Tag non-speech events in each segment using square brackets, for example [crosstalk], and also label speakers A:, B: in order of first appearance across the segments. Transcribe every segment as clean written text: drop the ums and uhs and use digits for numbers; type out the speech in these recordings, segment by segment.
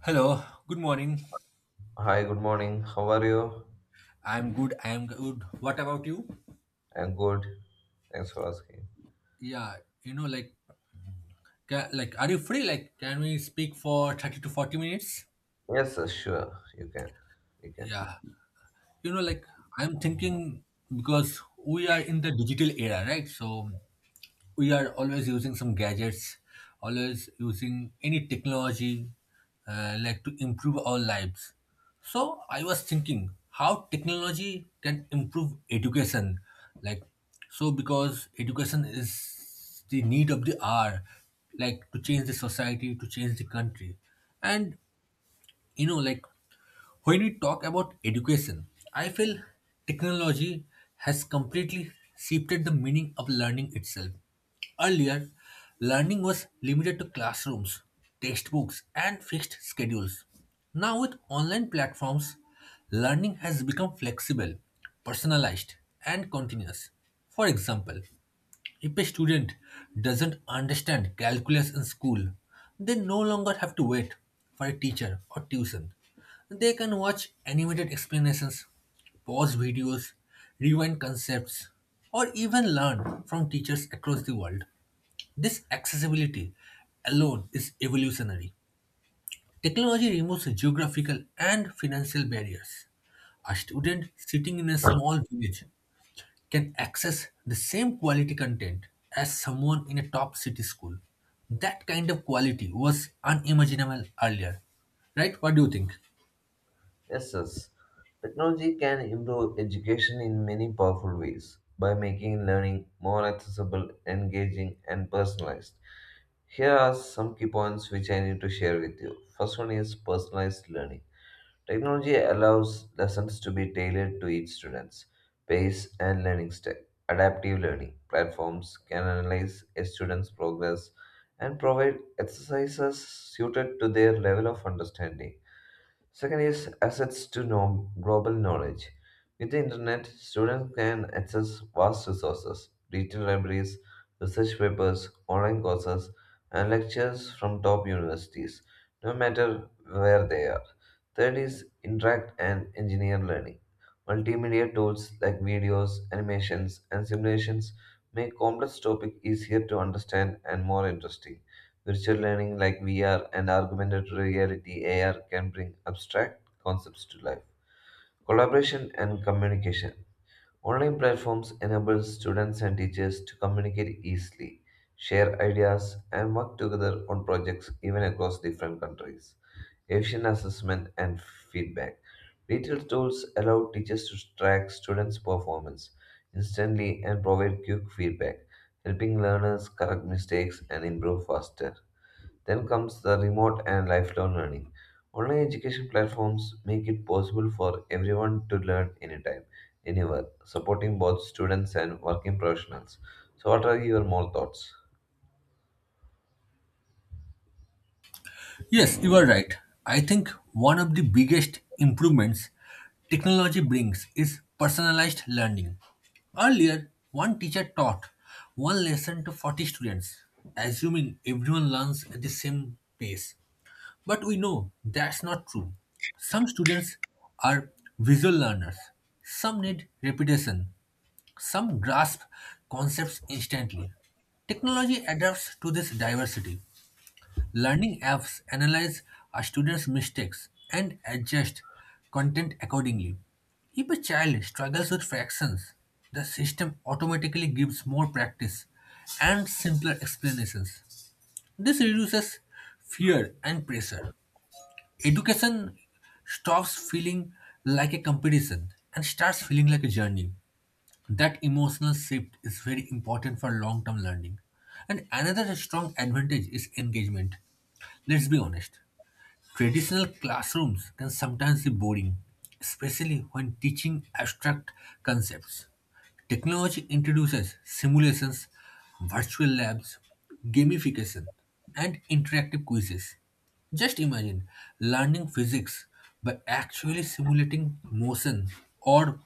A: Hello, good morning.
B: Hi, good morning. How are you?
A: I'm good. I'm good. What about you?
B: I'm good. Thanks for asking.
A: Yeah, like, ca like, are you free? Like, can we speak for 30 to 40 minutes?
B: Yes, sir, sure. You can. You can.
A: Yeah, like, I'm thinking because we are in the digital era, right? So, we are always using some gadgets, always using any technology like to improve our lives. So I was thinking how technology can improve education, like so because education is the need of the hour, like to change the society, to change the country, and like when we talk about education, I feel technology has completely shifted the meaning of learning itself. Earlier, learning was limited to classrooms, textbooks, and fixed schedules. Now, with online platforms, learning has become flexible, personalized, and continuous. For example, if a student doesn't understand calculus in school, they no longer have to wait for a teacher or tuition. They can watch animated explanations, pause videos, rewind concepts, or even learn from teachers across the world. This accessibility alone is evolutionary. Technology removes geographical and financial barriers. A student sitting in a small village can access the same quality content as someone in a top city school. That kind of quality was unimaginable earlier. Right? What do you think?
B: Yes, yes. Technology can improve education in many powerful ways by making learning more accessible, engaging, and personalized. Here are some key points which I need to share with you. First one is personalized learning. Technology allows lessons to be tailored to each student's pace and learning style. Adaptive learning platforms can analyze a student's progress and provide exercises suited to their level of understanding. Second is access to global knowledge. With the internet, students can access vast resources, digital libraries, research papers, online courses, and lectures from top universities, no matter where they are. Third is interact and engineer learning. Multimedia tools like videos, animations, and simulations make complex topics easier to understand and more interesting. Virtual learning like VR and augmented reality AR can bring abstract concepts to life. Collaboration and communication. Online platforms enable students and teachers to communicate easily, share ideas, and work together on projects even across different countries. Efficient assessment and feedback. Digital tools allow teachers to track students' performance instantly and provide quick feedback, helping learners correct mistakes and improve faster. Then comes the remote and lifelong learning. Online education platforms make it possible for everyone to learn anytime, anywhere, supporting both students and working professionals. So, what are your more thoughts?
A: Yes, you are right. I think one of the biggest improvements technology brings is personalized learning. Earlier, one teacher taught one lesson to 40 students, assuming everyone learns at the same pace. But we know that's not true. Some students are visual learners, some need repetition, some grasp concepts instantly. Technology adapts to this diversity. Learning apps analyze a student's mistakes and adjust content accordingly. If a child struggles with fractions, the system automatically gives more practice and simpler explanations. This reduces fear and pressure. Education stops feeling like a competition and starts feeling like a journey. That emotional shift is very important for long term learning. And another strong advantage is engagement. Let's be honest. Traditional classrooms can sometimes be boring, especially when teaching abstract concepts. Technology introduces simulations, virtual labs, gamification, and interactive quizzes. Just imagine learning physics by actually simulating motion or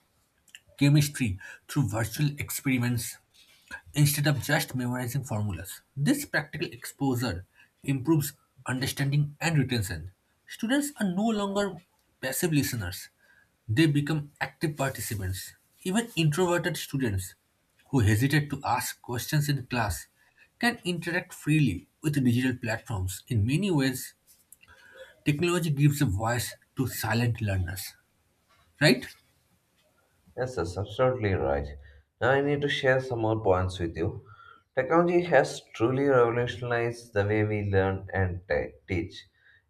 A: chemistry through virtual experiments instead of just memorizing formulas. This practical exposure improves understanding and retention. Students are no longer passive listeners, they become active participants. Even introverted students who hesitate to ask questions in class can interact freely with digital platforms. In many ways, technology gives a voice to silent learners, right?
B: Yes, that's absolutely right. Now I need to share some more points with you. Technology has truly revolutionized the way we learn and teach.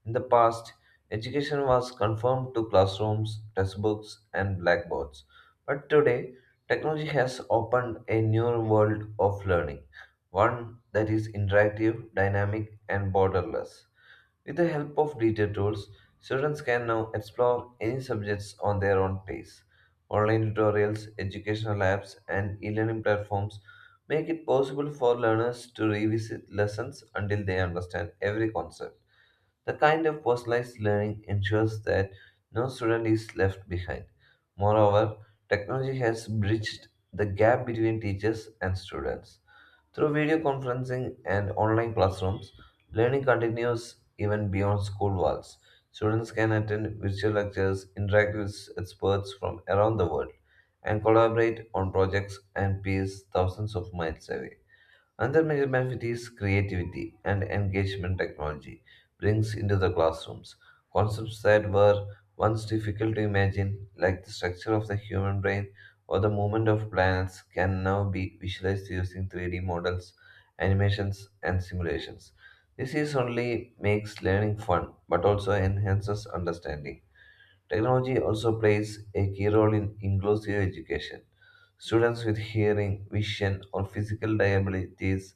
B: In the past, education was confined to classrooms, textbooks, and blackboards. But today, technology has opened a new world of learning, one that is interactive, dynamic, and borderless. With the help of detailed tools, students can now explore any subjects on their own pace. Online tutorials, educational apps, and e learning platforms make it possible for learners to revisit lessons until they understand every concept. The kind of personalized learning ensures that no student is left behind. Moreover, technology has bridged the gap between teachers and students. Through video conferencing and online classrooms, learning continues even beyond school walls. Students can attend virtual lectures, interact with experts from around the world, and collaborate on projects and peers thousands of miles away. Another major benefit is creativity and engagement technology brings into the classrooms. Concepts that were once difficult to imagine, like the structure of the human brain or the movement of planets, can now be visualized using 3D models, animations, and simulations. This is only makes learning fun but also enhances understanding. Technology also plays a key role in inclusive education. Students with hearing, vision, or physical disabilities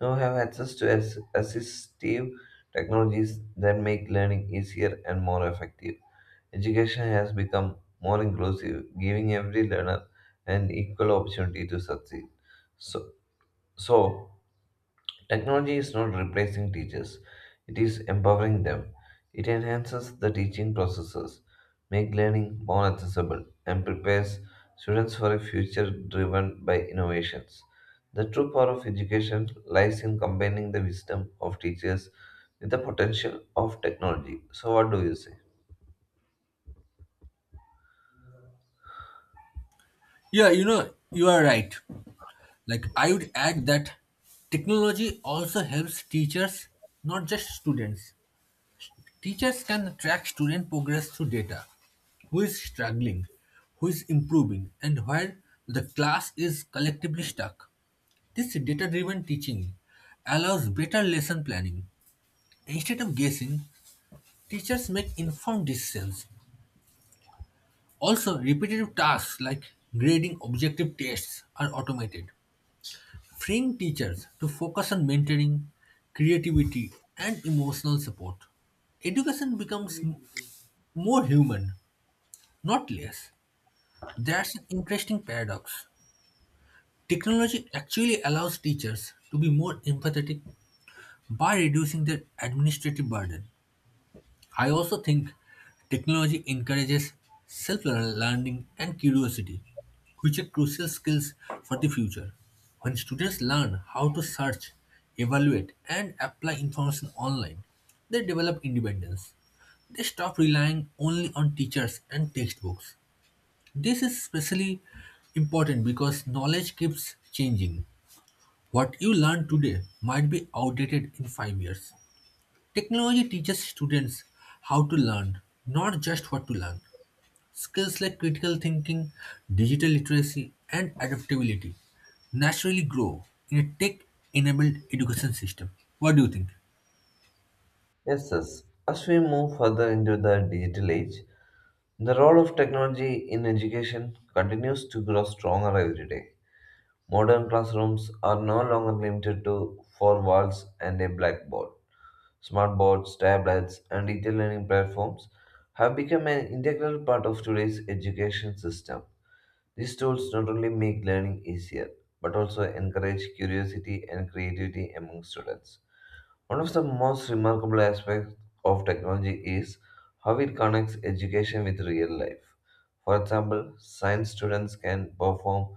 B: now have access to assistive technologies that make learning easier and more effective. Education has become more inclusive, giving every learner an equal opportunity to succeed. So, so, Technology is not replacing teachers, it is empowering them. It enhances the teaching processes, makes learning more accessible, and prepares students for a future driven by innovations. The true power of education lies in combining the wisdom of teachers with the potential of technology. So, what do you say?
A: Yeah, you know, you are right. Like I would add that technology also helps teachers, not just students. Teachers can track student progress through data. Who is struggling, who is improving, and where the class is collectively stuck. This data driven teaching allows better lesson planning. Instead of guessing, teachers make informed decisions. Also, repetitive tasks like grading objective tests are automated, freeing teachers to focus on mentoring, creativity, and emotional support. Education becomes more human, not less. That's an interesting paradox. Technology actually allows teachers to be more empathetic by reducing their administrative burden. I also think technology encourages self learning and curiosity, which are crucial skills for the future. When students learn how to search, evaluate, and apply information online, they develop independence. They stop relying only on teachers and textbooks. This is especially important because knowledge keeps changing. What you learn today might be outdated in 5 years. Technology teaches students how to learn, not just what to learn. Skills like critical thinking, digital literacy, and adaptability naturally grow in a tech enabled education system. What do you think?
B: Yes, yes. As we move further into the digital age, the role of technology in education continues to grow stronger every day. Modern classrooms are no longer limited to four walls and a blackboard. Smartboards, tablets, and digital learning platforms have become an integral part of today's education system. These tools not only make learning easier, but also encourage curiosity and creativity among students. One of the most remarkable aspects of technology is how it connects education with real life. For example, science students can perform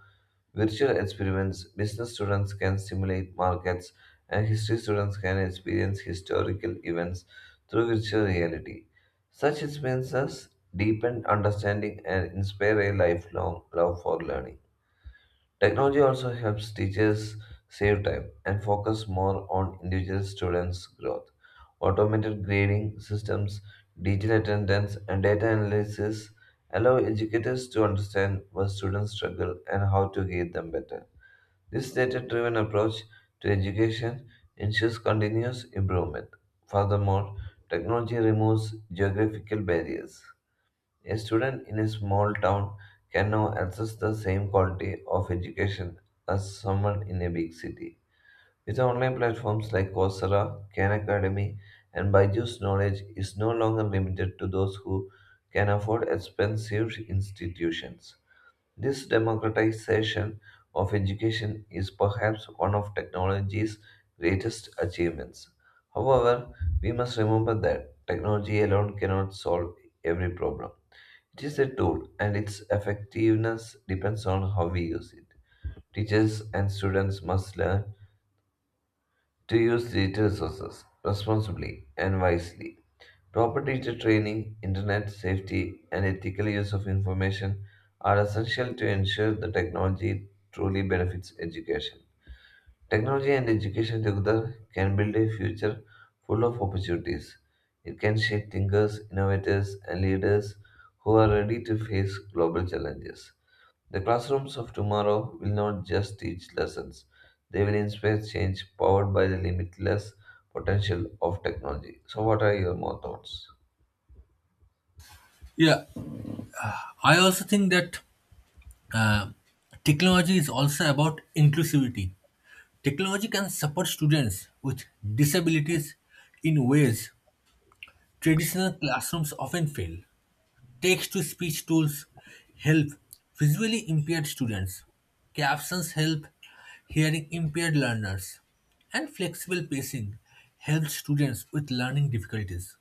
B: virtual experiments, business students can simulate markets, and history students can experience historical events through virtual reality. Such experiences deepen understanding and inspire a lifelong love for learning. Technology also helps teachers save time and focus more on individual students' growth. Automated grading systems, digital attendance, and data analysis allow educators to understand what students struggle and how to guide them better. This data driven approach to education ensures continuous improvement. Furthermore, technology removes geographical barriers a student in a small town can now access the same quality of education as someone in a big city. With online platforms like Coursera, Khan Academy, and Byju's knowledge is no longer limited to those who can afford expensive institutions. This democratization of education is perhaps one of technology's greatest achievements. However, we must remember that technology alone cannot solve every problem. It is a tool, and its effectiveness depends on how we use it. Teachers and students must learn to use digital resources responsibly and wisely. Proper teacher training, internet safety, and ethical use of information are essential to ensure the technology truly benefits education. Technology and education together can build a future full of opportunities. It can shape thinkers, innovators, and leaders who are ready to face global challenges. The classrooms of tomorrow will not just teach lessons, they will inspire change powered by the limitless potential of technology. So, what are your more thoughts?
A: Yeah, I also think that uh, technology is also about inclusivity. Technology can support students with disabilities in ways traditional classrooms often fail. Text to speech tools help visually impaired students. Captions help hearing impaired learners. And flexible pacing helps students with learning difficulties.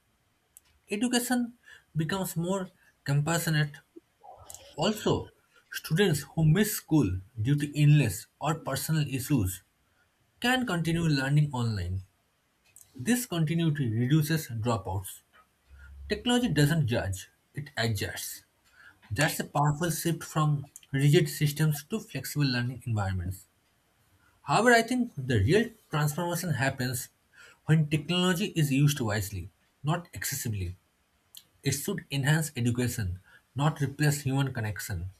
A: Education becomes more compassionate. Also, students who miss school due to illness or personal issues can continue learning online. This continuity reduces dropouts. Technology doesn't judge, it adjusts. That's a powerful shift from rigid systems to flexible learning environments. However, I think the real transformation happens when technology is used wisely, not excessively. It should enhance education, not replace human connection.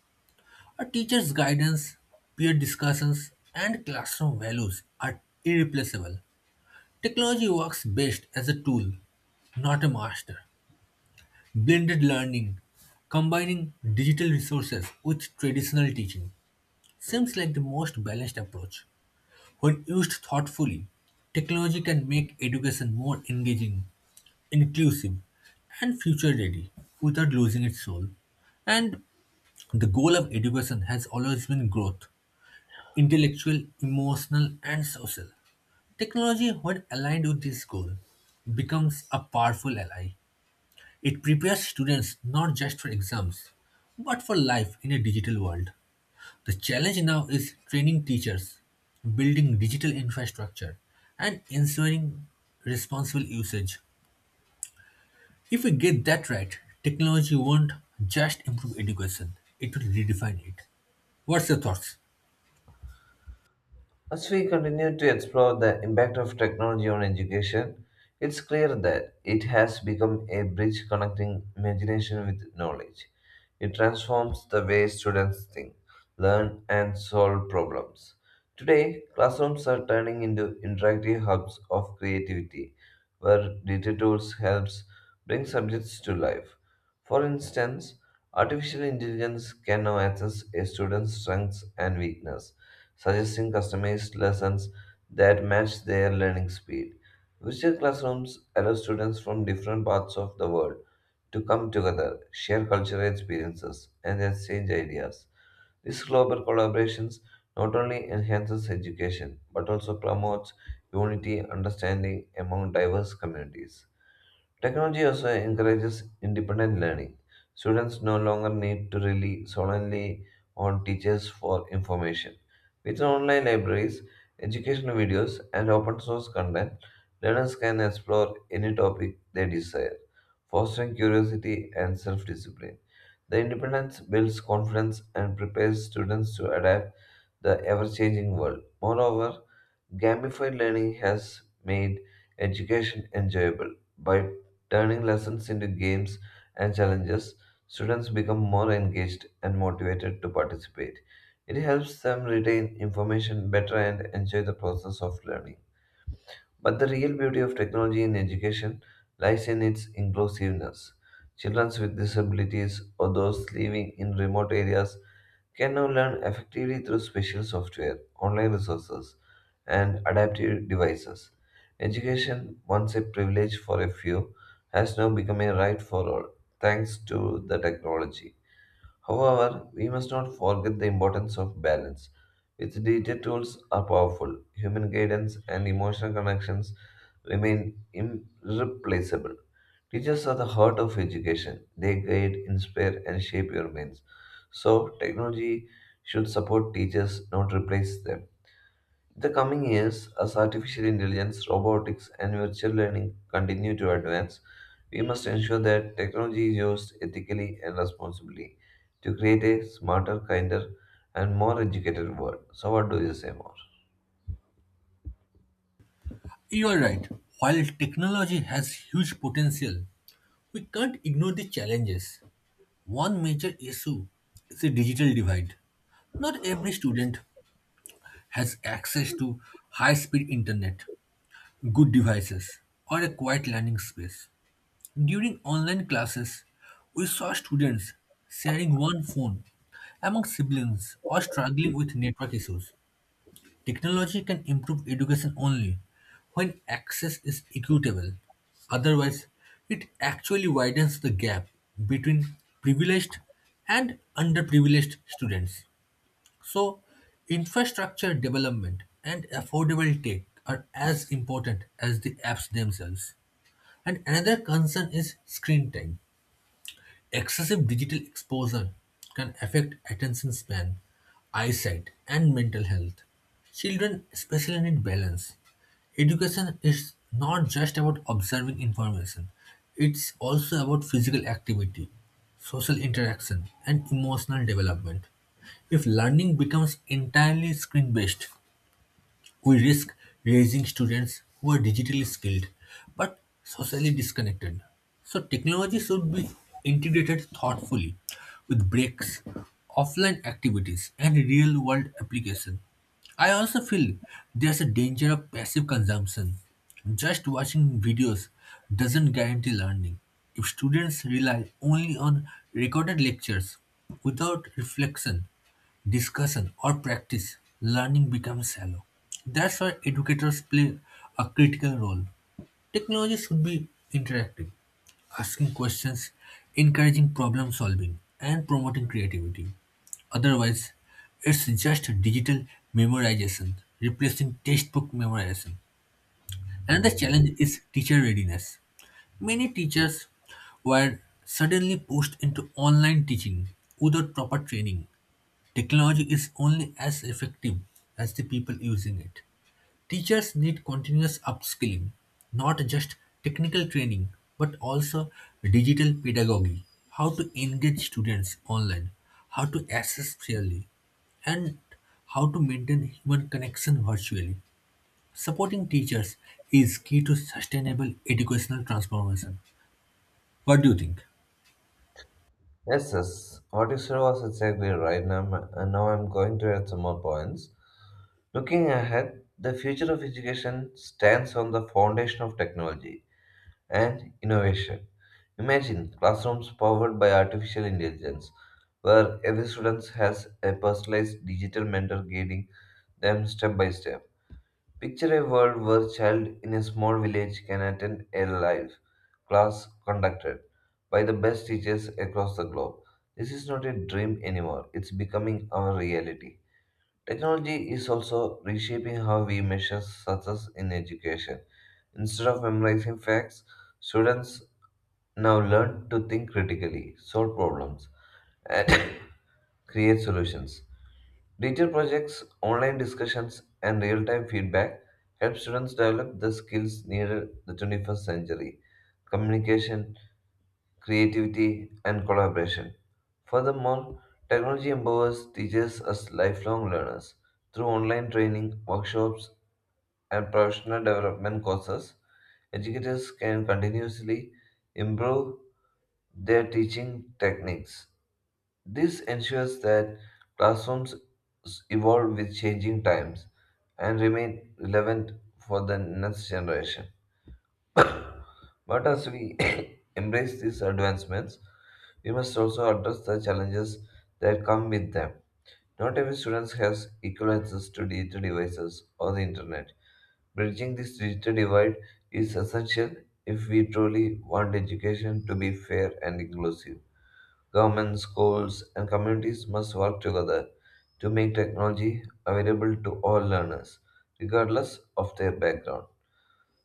A: A teacher's guidance, peer discussions, and classroom values are irreplaceable. Technology works best as a tool, not a master. Blended learning, combining digital resources with traditional teaching, seems like the most balanced approach. When used thoughtfully, technology can make education more engaging, inclusive, and future ready without losing its soul. And the goal of education has always been growth, intellectual, emotional, and social. Technology, when aligned with this goal, becomes a powerful ally. It prepares students not just for exams, but for life in a digital world. The challenge now is training teachers, building digital infrastructure, and ensuring responsible usage. If we get that right, technology won't just improve education, it will redefine it. What's your thoughts?
B: As we continue to explore the impact of technology on education, it's clear that it has become a bridge connecting imagination with knowledge. It transforms the way students think, learn, and solve problems. Today, classrooms are turning into interactive hubs of creativity, where data tools helps bring subjects to life. For instance, artificial intelligence can now assess a student's strengths and weakness suggesting customized lessons that match their learning speed. Virtual classrooms allow students from different parts of the world to come together, share cultural experiences, and exchange ideas. This global collaborations not only enhances education but also promotes unity understanding among diverse communities. Technology also encourages independent learning. Students no longer need to rely solely on teachers for information. With online libraries, educational videos, and open source content, learners can explore any topic they desire, fostering curiosity and self discipline. The independence builds confidence and prepares students to adapt the ever-changing world. Moreover, gamified learning has made education enjoyable by turning lessons into games and challenges. Students become more engaged and motivated to participate. It helps them retain information better and enjoy the process of learning. But the real beauty of technology in education lies in its inclusiveness. Children with disabilities or those living in remote areas can now learn effectively through special software, online resources, and adaptive devices. Education, once a privilege for a few, has now become a right for all, thanks to the technology. However, we must not forget the importance of balance. With digital tools are powerful, human guidance and emotional connections remain irreplaceable. Teachers are the heart of education. They guide, inspire, and shape your minds. So, technology should support teachers, not replace them. In the coming years, as artificial intelligence, robotics, and virtual learning continue to advance, we must ensure that technology is used ethically and responsibly to create a smarter, kinder, and more educated world. So, what do you say more?
A: You are right. While technology has huge potential, we can't ignore the challenges. One major issue is the digital divide. Not every student has access to high speed internet, good devices, or a quiet learning space. During online classes, we saw students sharing one phone among siblings or struggling with network issues. Technology can improve education only when access is equitable. Otherwise, it actually widens the gap between privileged and underprivileged students. So, infrastructure development and affordable tech are as important as the apps themselves. And another concern is screen time. Excessive digital exposure can affect attention span, eyesight, and mental health. Children especially need balance. Education is not just about observing information, it's also about physical activity, social interaction, and emotional development. If learning becomes entirely screen based, we risk raising students who are digitally skilled but socially disconnected. So, technology should be integrated thoughtfully with breaks, offline activities, and real world application. I also feel there's a danger of passive consumption. Just watching videos doesn't guarantee learning. If students rely only on recorded lectures without reflection, discussion, or practice, learning becomes shallow. That's why educators play a critical role. Technology should be interactive, asking questions, encouraging problem solving, and promoting creativity. Otherwise, it's just digital memorization, replacing textbook memorization. Another challenge is teacher readiness. Many teachers were suddenly pushed into online teaching without proper training. Technology is only as effective as the people using it. Teachers need continuous upskilling, not just technical training, but also digital pedagogy, how to engage students online, how to assess fairly, and how to maintain human connection virtually. Supporting teachers is key to sustainable educational transformation. What do you think?
B: Yes, yes. What you said was exactly right. Now I'm going to add some more points. Looking ahead, the future of education stands on the foundation of technology and innovation. Imagine classrooms powered by artificial intelligence, where every student has a personalized digital mentor guiding them step by step. Picture a world where a child in a small village can attend a live class conducted by the best teachers across the globe. This is not a dream anymore, it's becoming our reality. Technology is also reshaping how we measure success in education. Instead of memorizing facts, students now learn to think critically, solve problems, and [coughs] create solutions. Digital projects, online discussions, and real time feedback help students develop the skills needed the 21st century communication, creativity, and collaboration. Furthermore, technology empowers teachers as lifelong learners through online training, workshops, and professional development courses. Educators can continuously improve their teaching techniques. This ensures that classrooms evolve with changing times and remain relevant for the next generation. But as we [coughs] embrace these advancements, we must also address the challenges that come with them. Not every student has equal access to digital devices or the internet. Bridging this digital divide is essential if we truly want education to be fair and inclusive. Governments, schools, and communities must work together to make technology available to all learners, regardless of their background.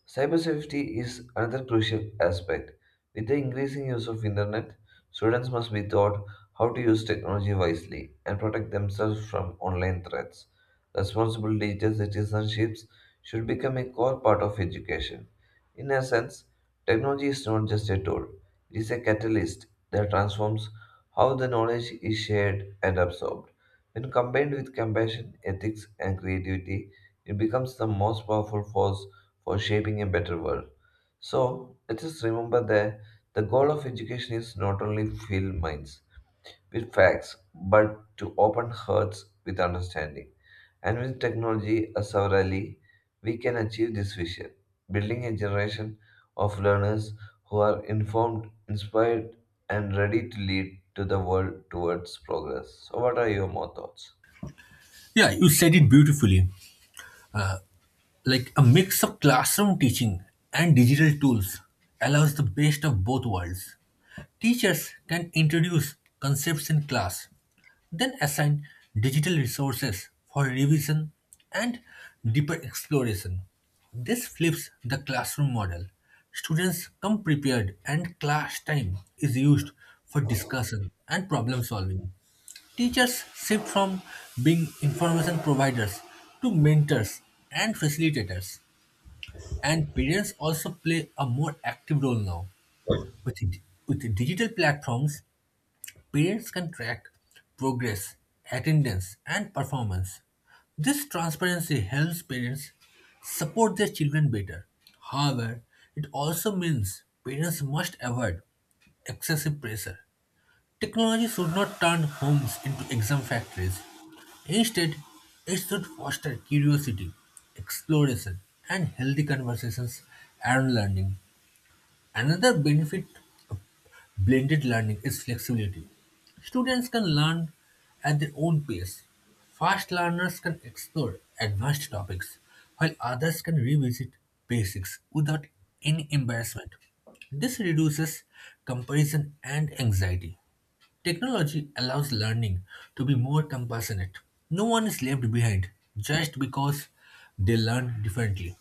B: Cybersafety is another crucial aspect. With the increasing use of internet, students must be taught how to use technology wisely and protect themselves from online threats. Responsible digital citizenships should become a core part of education. In essence, technology is not just a tool, it is a catalyst that transforms how the knowledge is shared and absorbed. When combined with compassion, ethics, and creativity, it becomes the most powerful force for shaping a better world. So let us remember that the goal of education is not only fill minds with facts, but to open hearts with understanding. And with technology as our ally, we can achieve this vision, building a generation of learners who are informed, inspired, and ready to lead to the world towards progress. So, what are your more thoughts?
A: Yeah, you said it beautifully. Uh, Like a mix of classroom teaching and digital tools allows the best of both worlds. Teachers can introduce concepts in class, then assign digital resources for revision and deeper exploration. This flips the classroom model. Students come prepared, and class time is used for discussion and problem solving. Teachers shift from being information providers to mentors and facilitators. And parents also play a more active role now. With, it- with digital platforms, parents can track progress, attendance, and performance. This transparency helps parents support their children better. However, it also means parents must avoid excessive pressure. Technology should not turn homes into exam factories. Instead, it should foster curiosity, exploration, and healthy conversations around learning. Another benefit of blended learning is flexibility. Students can learn at their own pace. Fast learners can explore advanced topics, while others can revisit basics without any embarrassment. This reduces comparison and anxiety. Technology allows learning to be more compassionate. No one is left behind just because they learn differently.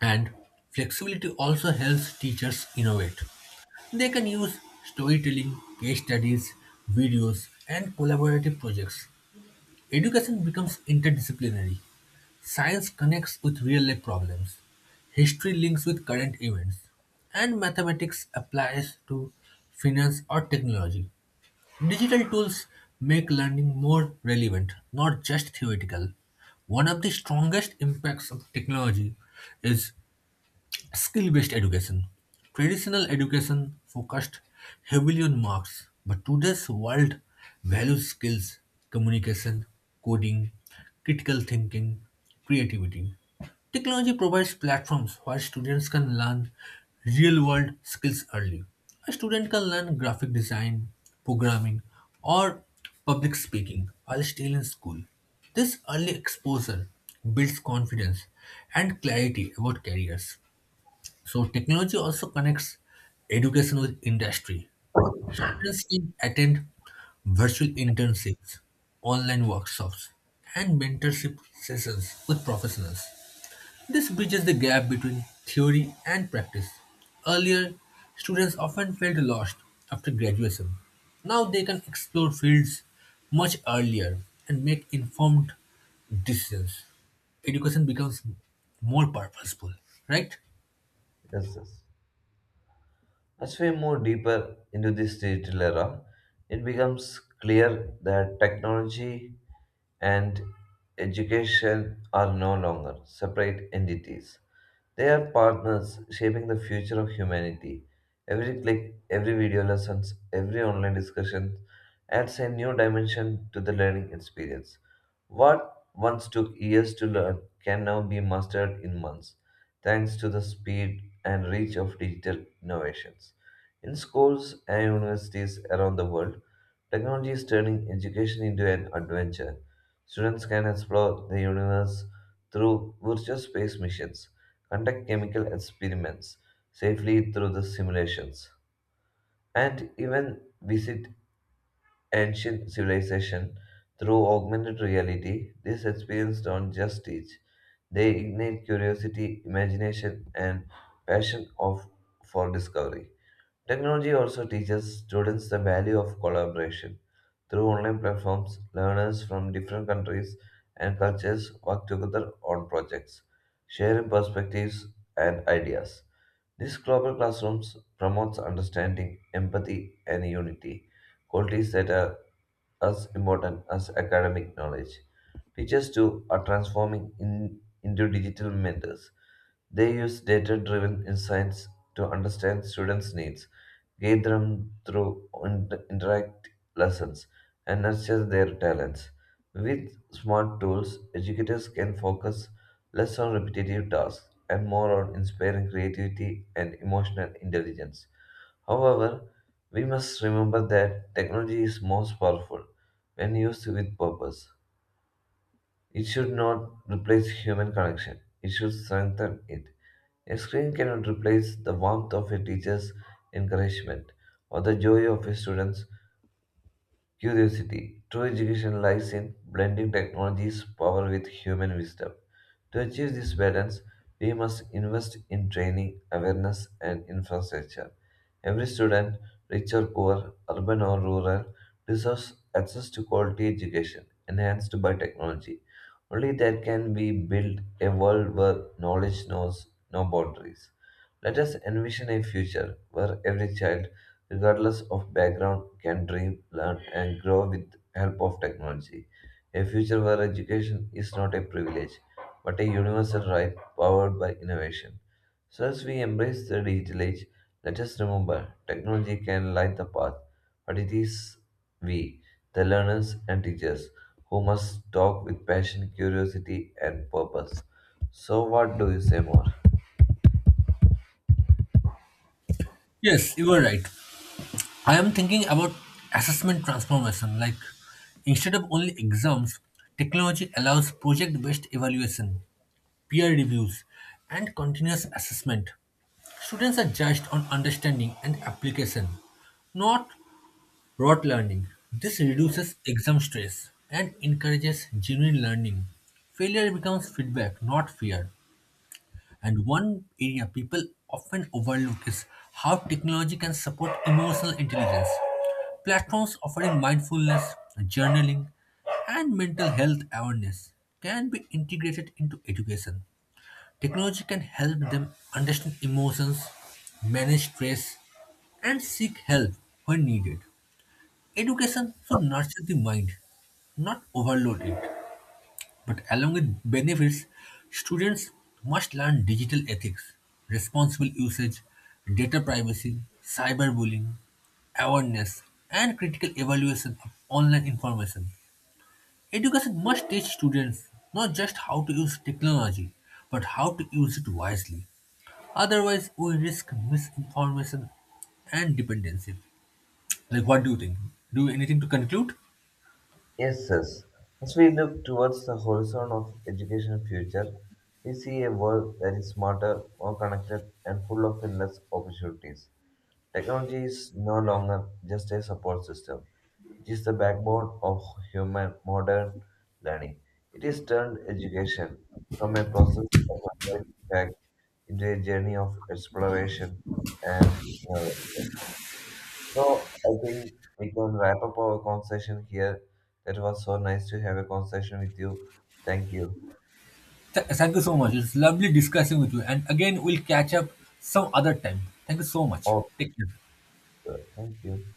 A: And flexibility also helps teachers innovate. They can use storytelling, case studies, videos, and collaborative projects. Education becomes interdisciplinary. Science connects with real life problems. History links with current events. And mathematics applies to finance or technology. Digital tools make learning more relevant, not just theoretical. One of the strongest impacts of technology is skill based education. Traditional education focused heavily on marks, but today's world values skills, communication, coding, critical thinking, creativity. Technology provides platforms where students can learn real world skills early. A student can learn graphic design, programming, or public speaking while still in school. This early exposure builds confidence and clarity about careers. So technology also connects education with industry. Students can attend virtual internships, online workshops, and mentorship sessions with professionals. This bridges the gap between theory and practice. Earlier, students often felt lost after graduation. Now they can explore fields much earlier and make informed decisions. Education becomes more purposeful, right?
B: Yes, yes. As we move deeper into this digital era, it becomes clear that technology and education are no longer separate entities. They are partners shaping the future of humanity. Every click, every video lessons, every online discussion adds a new dimension to the learning experience. What once took years to learn can now be mastered in months thanks to the speed and reach of digital innovations. In schools and universities around the world, technology is turning education into an adventure. Students can explore the universe through virtual space missions, conduct chemical experiments safely through the simulations, and even visit ancient civilization through augmented reality, these experiences don't just teach, they ignite curiosity, imagination, and passion of, for discovery. Technology also teaches students the value of collaboration. Through online platforms, learners from different countries and cultures work together on projects, sharing perspectives and ideas. This global classrooms promotes understanding, empathy, and unity, qualities that are as important as academic knowledge. Teachers, too, are transforming into digital mentors. They use data driven insights to understand students' needs, guide them through interactive lessons, and nurture their talents. With smart tools, educators can focus less on repetitive tasks and more on inspiring creativity and emotional intelligence. However, we must remember that technology is most powerful when used with purpose. It should not replace human connection, it should strengthen it. A screen cannot replace the warmth of a teacher's encouragement or the joy of a student's curiosity. True education lies in blending technology's power with human wisdom. To achieve this balance, we must invest in training, awareness, and infrastructure. Every student, rich or poor, urban or rural, deserves access to quality education enhanced by technology. Only then can we build a world where knowledge knows no boundaries. Let us envision a future where every child regardless of background, can dream, learn, and grow with help of technology. A future where education is not a privilege, but a universal right powered by innovation. So as we embrace the digital age, let us remember technology can light the path, but it is we, the learners and teachers, who must talk with passion, curiosity, and purpose. So, what do you say more?
A: Yes, you are right. I am thinking about assessment transformation. Like, instead of only exams, technology allows project based evaluation, peer reviews, and continuous assessment. Students are judged on understanding and application, not rote learning. This reduces exam stress and encourages genuine learning. Failure becomes feedback, not fear. And one area people often overlook is how technology can support emotional intelligence. Platforms offering mindfulness, journaling, and mental health awareness can be integrated into education. Technology can help them understand emotions, manage stress, and seek help when needed. Education should nurture the mind, not overload it. But along with benefits, students must learn digital ethics, responsible usage, data privacy, cyberbullying, awareness, and critical evaluation of online information. Education must teach students not just how to use technology, but how to use it wisely. Otherwise, we risk misinformation and dependency. Like, what do you think? Do you anything to conclude?
B: Yes, yes. As we look towards the horizon of education future, we see a world that is smarter, more connected, and full of endless opportunities. Technology is no longer just a support system. It is the backbone of human modern learning. It has turned education from a process of learning facts into a journey of exploration and innovation. So I think we can wrap up our conversation here. That was so nice to have a conversation with you. Thank you.
A: Thank you so much. It's lovely discussing with you. And again, we'll catch up some other time. Thank you so much.
B: Oh,
A: Take care.
B: sure. Thank you.